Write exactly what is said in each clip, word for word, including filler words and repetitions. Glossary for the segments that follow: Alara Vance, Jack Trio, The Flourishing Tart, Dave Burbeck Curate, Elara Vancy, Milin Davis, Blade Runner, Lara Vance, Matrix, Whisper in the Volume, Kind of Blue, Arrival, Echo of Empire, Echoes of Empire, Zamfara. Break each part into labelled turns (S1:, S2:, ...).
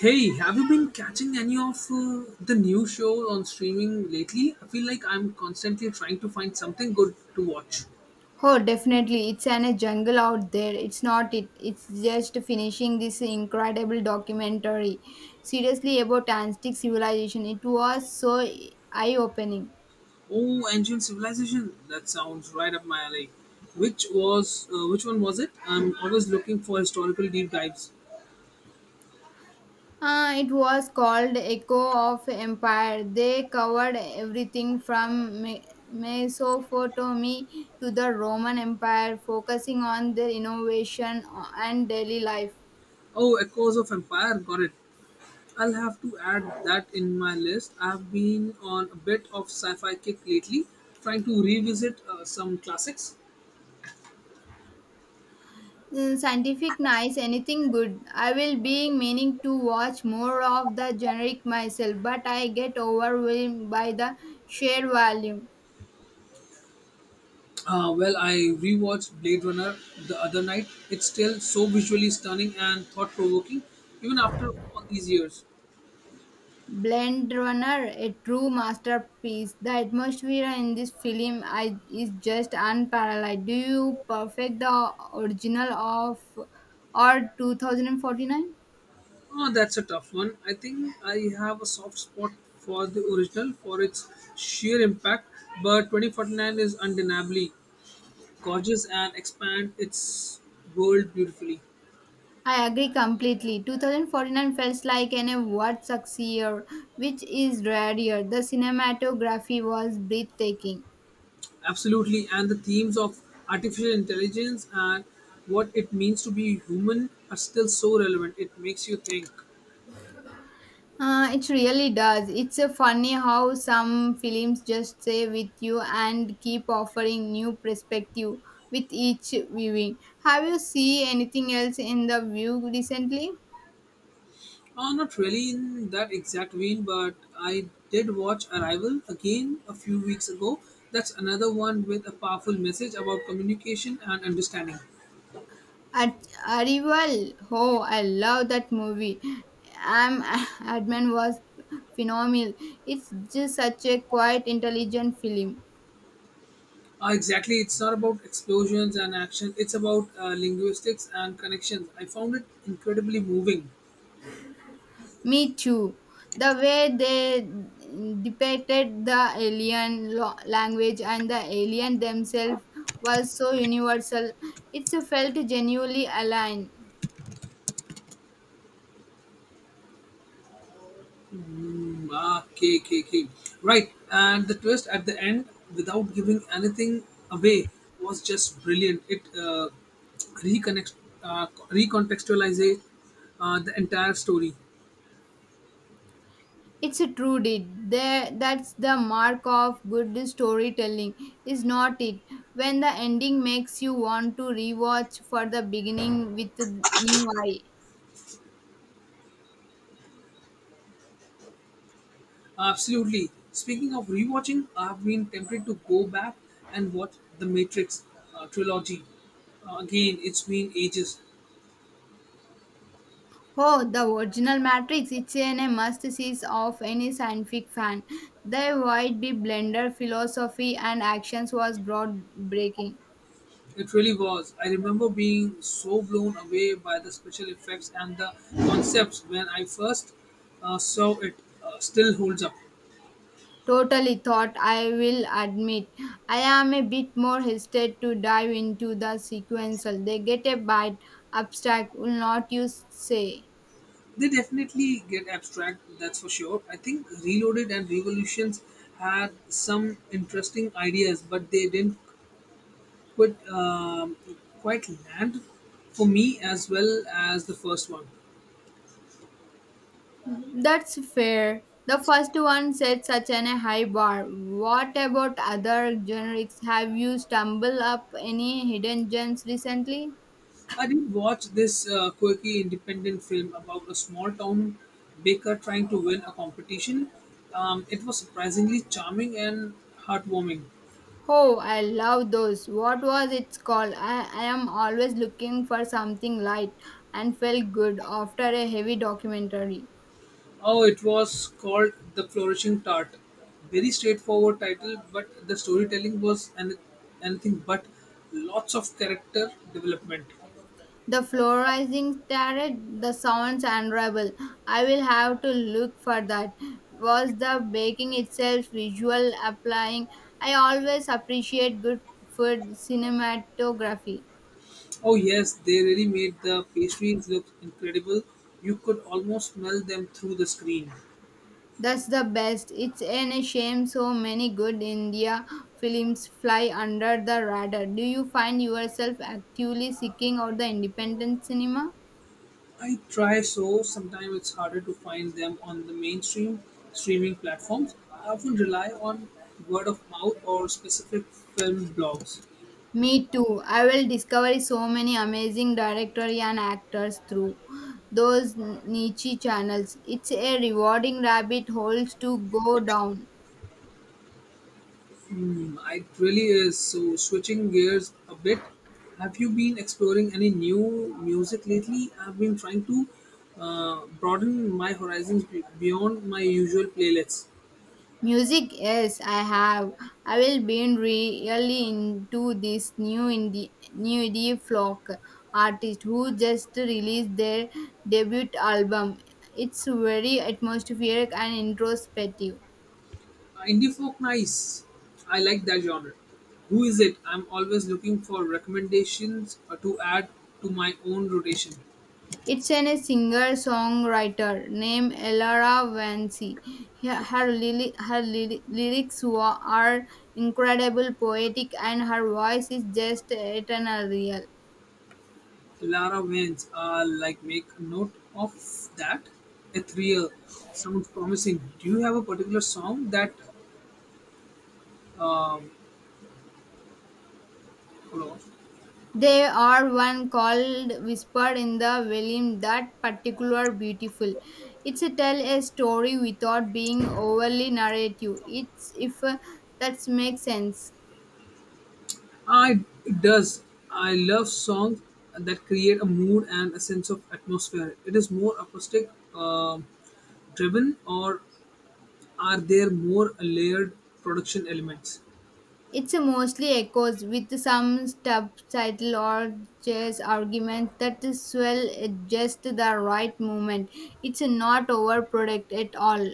S1: Hey, have you been catching any of uh, the new shows on streaming lately? I feel like I'm constantly trying to find something good to watch.
S2: Oh, definitely. It's an a jungle out there. It's not it. It's just finishing this incredible documentary. Seriously about Aztec civilization. It was so eye-opening.
S1: Oh, Ancient Civilization. That sounds right up my alley. Which was uh, which one was it? I'm always looking for historical deep dives.
S2: Uh, it was called Echo of Empire. They covered everything from Me- Mesopotamy to the Roman Empire, focusing on their innovation and daily life.
S1: Oh, Echoes of Empire. Got it. I'll have to add that in my list. I've been on a bit of sci-fi kick lately, trying to revisit uh, some classics.
S2: Mm, scientific nice anything good I will being meaning to watch more of the generic myself but I get overwhelmed by the sheer volume.
S1: Uh, well, I rewatched Blade Runner the other night. It's still so visually stunning and thought provoking, even after all these years.
S2: Blade runner a true masterpiece the atmosphere in this film I, is just unparalleled do you perfect the original of or two thousand forty-nine.
S1: Oh, that's a tough one. I think I have a soft spot for the original for its sheer impact, but twenty forty-nine is undeniably gorgeous and expand its world beautifully.
S2: I agree completely. twenty forty-nine felt like an award year, which is rare here. The cinematography was breathtaking.
S1: Absolutely, and the themes of artificial intelligence and what it means to be human are still so relevant. It makes you think.
S2: Uh, it really does. It's a funny how some films just stay with you and keep offering new perspective with each viewing. Have you seen anything else in the view recently?
S1: Uh, not really in that exact vein, but I did watch Arrival again a few weeks ago. That's another one with a powerful message about communication and understanding.
S2: At Arrival, oh, I love that movie. Am Adman was phenomenal. It's just such a quite intelligent film.
S1: Uh, exactly, it's not about explosions and action, it's about uh, linguistics and connections. I found it incredibly moving.
S2: Me too. The way they depicted the alien lo- language and the alien themselves was so universal. It's felt genuinely aligned.
S1: Ah, okay, okay, okay. Right, and the twist at the end, without giving anything away, was just brilliant. It uh, reconnects, uh, recontextualizes uh, the entire story.
S2: It's a true deed. There, that's the mark of good storytelling, is not it? When the ending makes you want to rewatch for the beginning with a new eye.
S1: Absolutely. Speaking of rewatching, I've been tempted to go back and watch the Matrix uh, trilogy. Uh, again, it's been ages.
S2: Oh, the original Matrix! It's an a must see of any scientific fan. The wide be blender philosophy and actions was groundbreaking.
S1: It really was. I remember being so blown away by the special effects and the concepts when I first uh, saw it. Uh, still holds up.
S2: Totally thought, I will admit. I am a bit more hesitant to dive into the sequential. They get a bit abstract, will not you say?
S1: They definitely get abstract, that's for sure. I think Reloaded and Revolutions had some interesting ideas, but they didn't quite, um, quite land for me as well as the first one.
S2: That's fair. The first one set such an a high bar. What about other generics? Have you stumbled up any hidden gems recently?
S1: I did watch this uh, quirky independent film about a small town baker trying to win a competition. Um, it was surprisingly charming and heartwarming.
S2: Oh, I love those. What was it called? I, I am always looking for something light and felt good after a heavy documentary.
S1: Oh, it was called The Flourishing Tart. Very straightforward title, but the storytelling was an- anything but lots of character development.
S2: The fluorescing started, the sounds unravel. I will have to look for that. Was the baking itself visual applying? I always appreciate good food cinematography.
S1: Oh, yes, they really made the pastries look incredible. You could almost smell them through the screen.
S2: That's the best. It's an a shame so many good India films fly under the radar. Do you find yourself actively seeking out the independent cinema?
S1: I try, so sometimes it's harder to find them on the mainstream streaming platforms. I often rely on word of mouth or specific film blogs.
S2: Me too. I will discover so many amazing directors and actors through those niche channels. It's a rewarding rabbit holes to go down.
S1: Hmm, it really is. So switching gears a bit, have you been exploring any new music lately? I've been trying to uh, broaden my horizons be- beyond my usual playlists.
S2: Music, yes, I have. I will be really into this new indie new indie folk artist who just released their debut album. It's very atmospheric and introspective.
S1: Indie folk, nice. I like that genre. Who is it? I'm always looking for recommendations uh, to add to my own rotation.
S2: It's an, a singer-songwriter named Elara Vancy. Her, her, lyri- her lyri- lyrics wa- are incredible, poetic, and her voice is just eternal real.
S1: Lara Vance, uh, like make a note of that. Ethereal sounds promising. Do you have a particular song that? Hold on.
S2: They are one called Whisper in the Volume that particular beautiful. It's a tell a story without being overly narrative. It's if uh, that makes sense.
S1: I it does. I love songs that create a mood and a sense of atmosphere. It is more acoustic uh, driven, or are there more layered production elements?
S2: It's a mostly echoes with some subtitle or chess arguments that swell at just the right moment. It's not overproduct at all.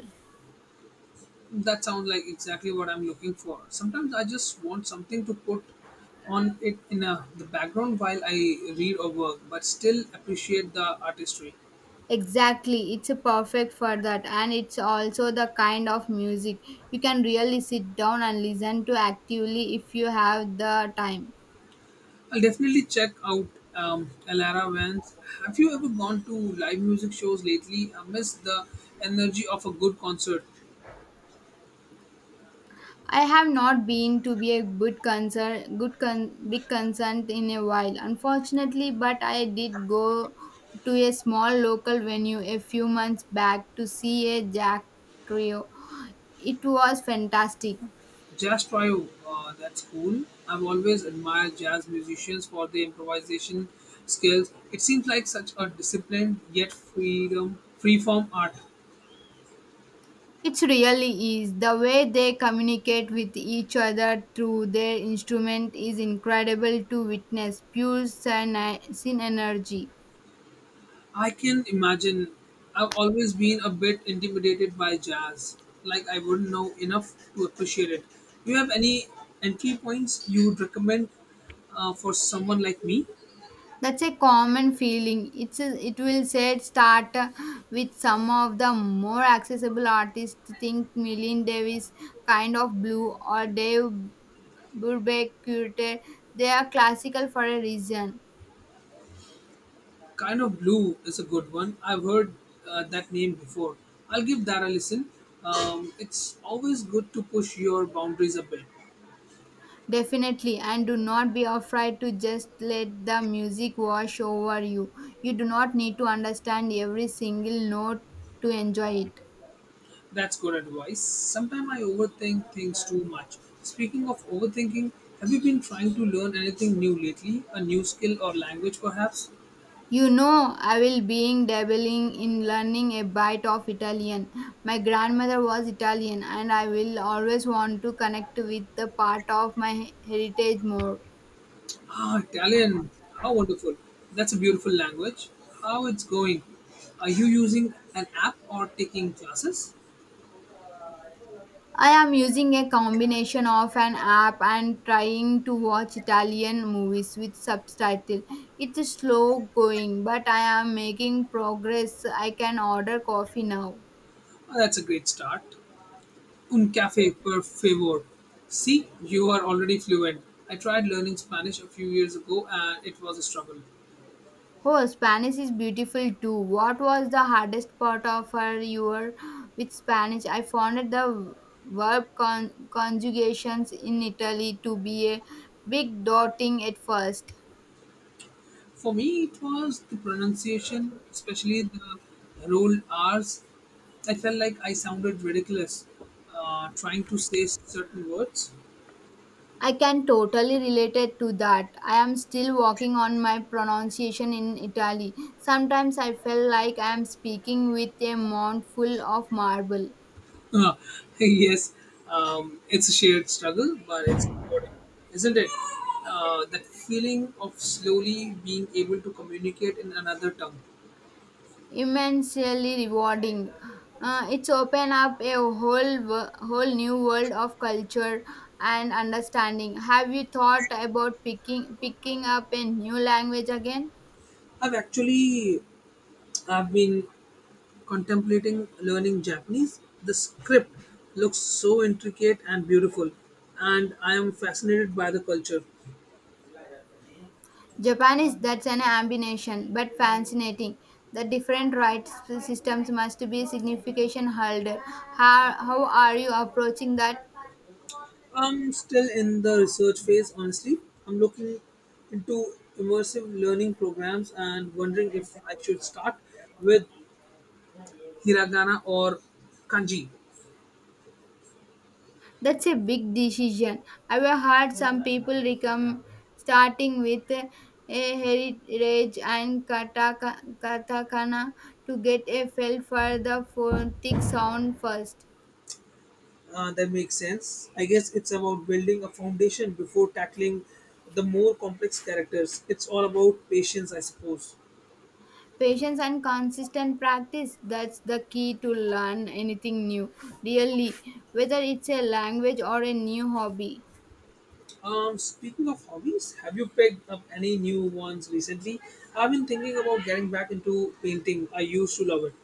S1: That sounds like exactly what I'm looking for. Sometimes I just want something to put on it in a, the background while I read or work, but still appreciate the artistry.
S2: Exactly, it's a perfect for that, and it's also the kind of music you can really sit down and listen to actively if you have the time.
S1: I'll definitely check out um, Alara Vance. Have you ever gone to live music shows lately? I miss the energy of a good concert.
S2: I have not been to be a good concern, good con, big concert in a while, unfortunately. But I did go to a small local venue a few months back to see a Jack Trio. It was fantastic.
S1: Jazz trio, uh, that's cool. I've always admired jazz musicians for their improvisation skills. It seems like such a disciplined yet freedom, free form art.
S2: It really is. The way they communicate with each other through their instrument is incredible to witness. Pure sin sin energy.
S1: I can imagine. I've always been a bit intimidated by jazz. Like I wouldn't know enough to appreciate it. Do you have any entry points you would recommend uh, for someone like me?
S2: That's a common feeling. It's a, it will say start uh, with some of the more accessible artists. Think Milin Davis, kind of blue, or Dave Burbeck Curate. They are classical for a reason.
S1: Kind of Blue is a good one. I've heard uh, that name before. I'll give that a listen. Um, it's always good to push your boundaries a bit.
S2: Definitely, and do not be afraid to just let the music wash over you. You do not need to understand every single note to enjoy it.
S1: That's good advice. Sometimes I overthink things too much. Speaking of overthinking, have you been trying to learn anything new lately? A new skill or language, perhaps?
S2: You know, I will being dabbling in learning a bit of Italian. My grandmother was Italian and I will always want to connect with the part of my heritage more.
S1: Ah, Italian. How wonderful. That's a beautiful language. How it's going? Are you using an app or taking classes?
S2: I am using a combination of an app and trying to watch Italian movies with subtitle. It's slow going, but I am making progress. I can order coffee now.
S1: Ah, that's a great start. Un caffè, per favor. See, you are already fluent. I tried learning Spanish a few years ago and it was a struggle.
S2: Oh, Spanish is beautiful too. What was the hardest part of her your with Spanish? I found it the verb con- conjugations in Italy to be a big daunting at first.
S1: For me, it was the pronunciation, especially the rolled R's. I felt like I sounded ridiculous uh, trying to say certain words.
S2: I can totally relate it to that. I am still working on my pronunciation in Italy. Sometimes I feel like I am speaking with a mouthful of marble.
S1: Yes, um, it's a shared struggle, but it's important, isn't it? Uh, that feeling of slowly being able to communicate in another tongue.
S2: Immensely rewarding. Uh, it's opened up a whole wo- whole new world of culture and understanding. Have you thought about picking picking up a new language again?
S1: I've actually, I've been contemplating learning Japanese. The script looks so intricate and beautiful, and I am fascinated by the culture.
S2: Japanese that's an ambition, but fascinating. The different rights systems must be significant holder. How, how are you approaching that?
S1: I'm still in the research phase, honestly. I'm looking into immersive learning programs and wondering if I should start with hiragana or kanji.
S2: That's a big decision. I've heard some people recommend starting with a heritage and kataka, katakana to get a feel for the phonetic sound first.
S1: Uh, that makes sense. I guess it's about building a foundation before tackling the more complex characters. It's all about patience, I suppose.
S2: Patience and consistent practice that's the key to learn anything new, really, whether it's a language or a new hobby.
S1: Um, speaking of hobbies, have you picked up any new ones recently? I've been thinking about getting back into painting. I used to love it.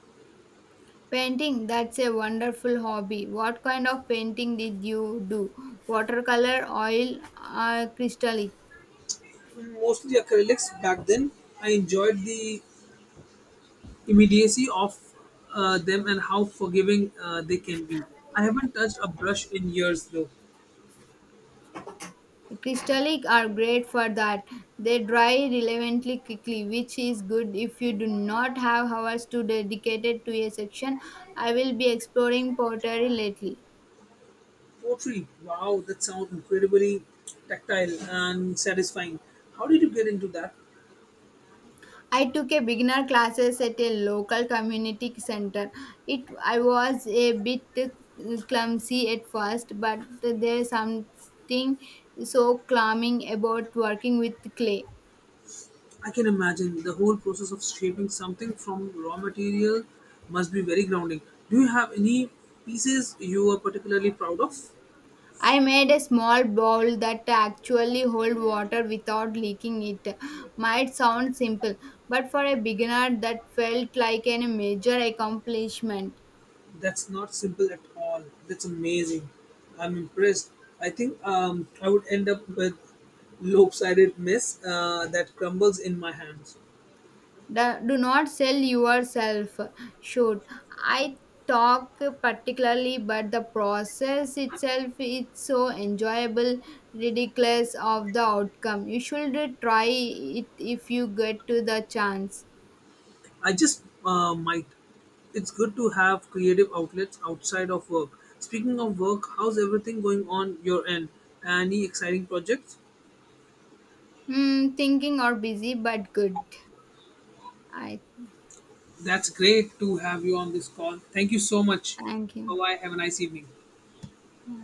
S2: Painting, that's a wonderful hobby. What kind of painting did you do? Watercolor, oil, or crystallic?
S1: Mostly acrylics back then. I enjoyed the immediacy of uh, them and how forgiving uh, they can be. I haven't touched a brush in years though.
S2: Crystallic are great for that. They dry relevantly quickly, which is good if you do not have hours to dedicate to a section. I will be exploring pottery lately.
S1: Pottery, wow, that sounds incredibly tactile and satisfying. How did you get into that?
S2: I took a beginner classes at a local community center. It I was a bit clumsy at first, but there's something so calming about working with clay.
S1: I can imagine the whole process of shaping something from raw material must be very grounding. Do you have any pieces you are particularly proud of?
S2: I made a small bowl that actually hold water without leaking it. Might sound simple, but for a beginner that felt like a major accomplishment.
S1: That's not simple at all. That's amazing. I'm impressed. I think um, I would end up with lopsided mess uh, that crumbles in my hands.
S2: The- do not sell yourself. Should I talk particularly but the process itself is so enjoyable ridiculous of the outcome you should try it if you get to the chance.
S1: I just uh, might. It's good to have creative outlets outside of work. Speaking of work, how's everything going on your end? Any exciting projects?
S2: Hmm, thinking or busy but good, I.
S1: That's great to have you on this call. Thank you so much.
S2: Thank
S1: Bye
S2: you.
S1: bye. Have a nice evening.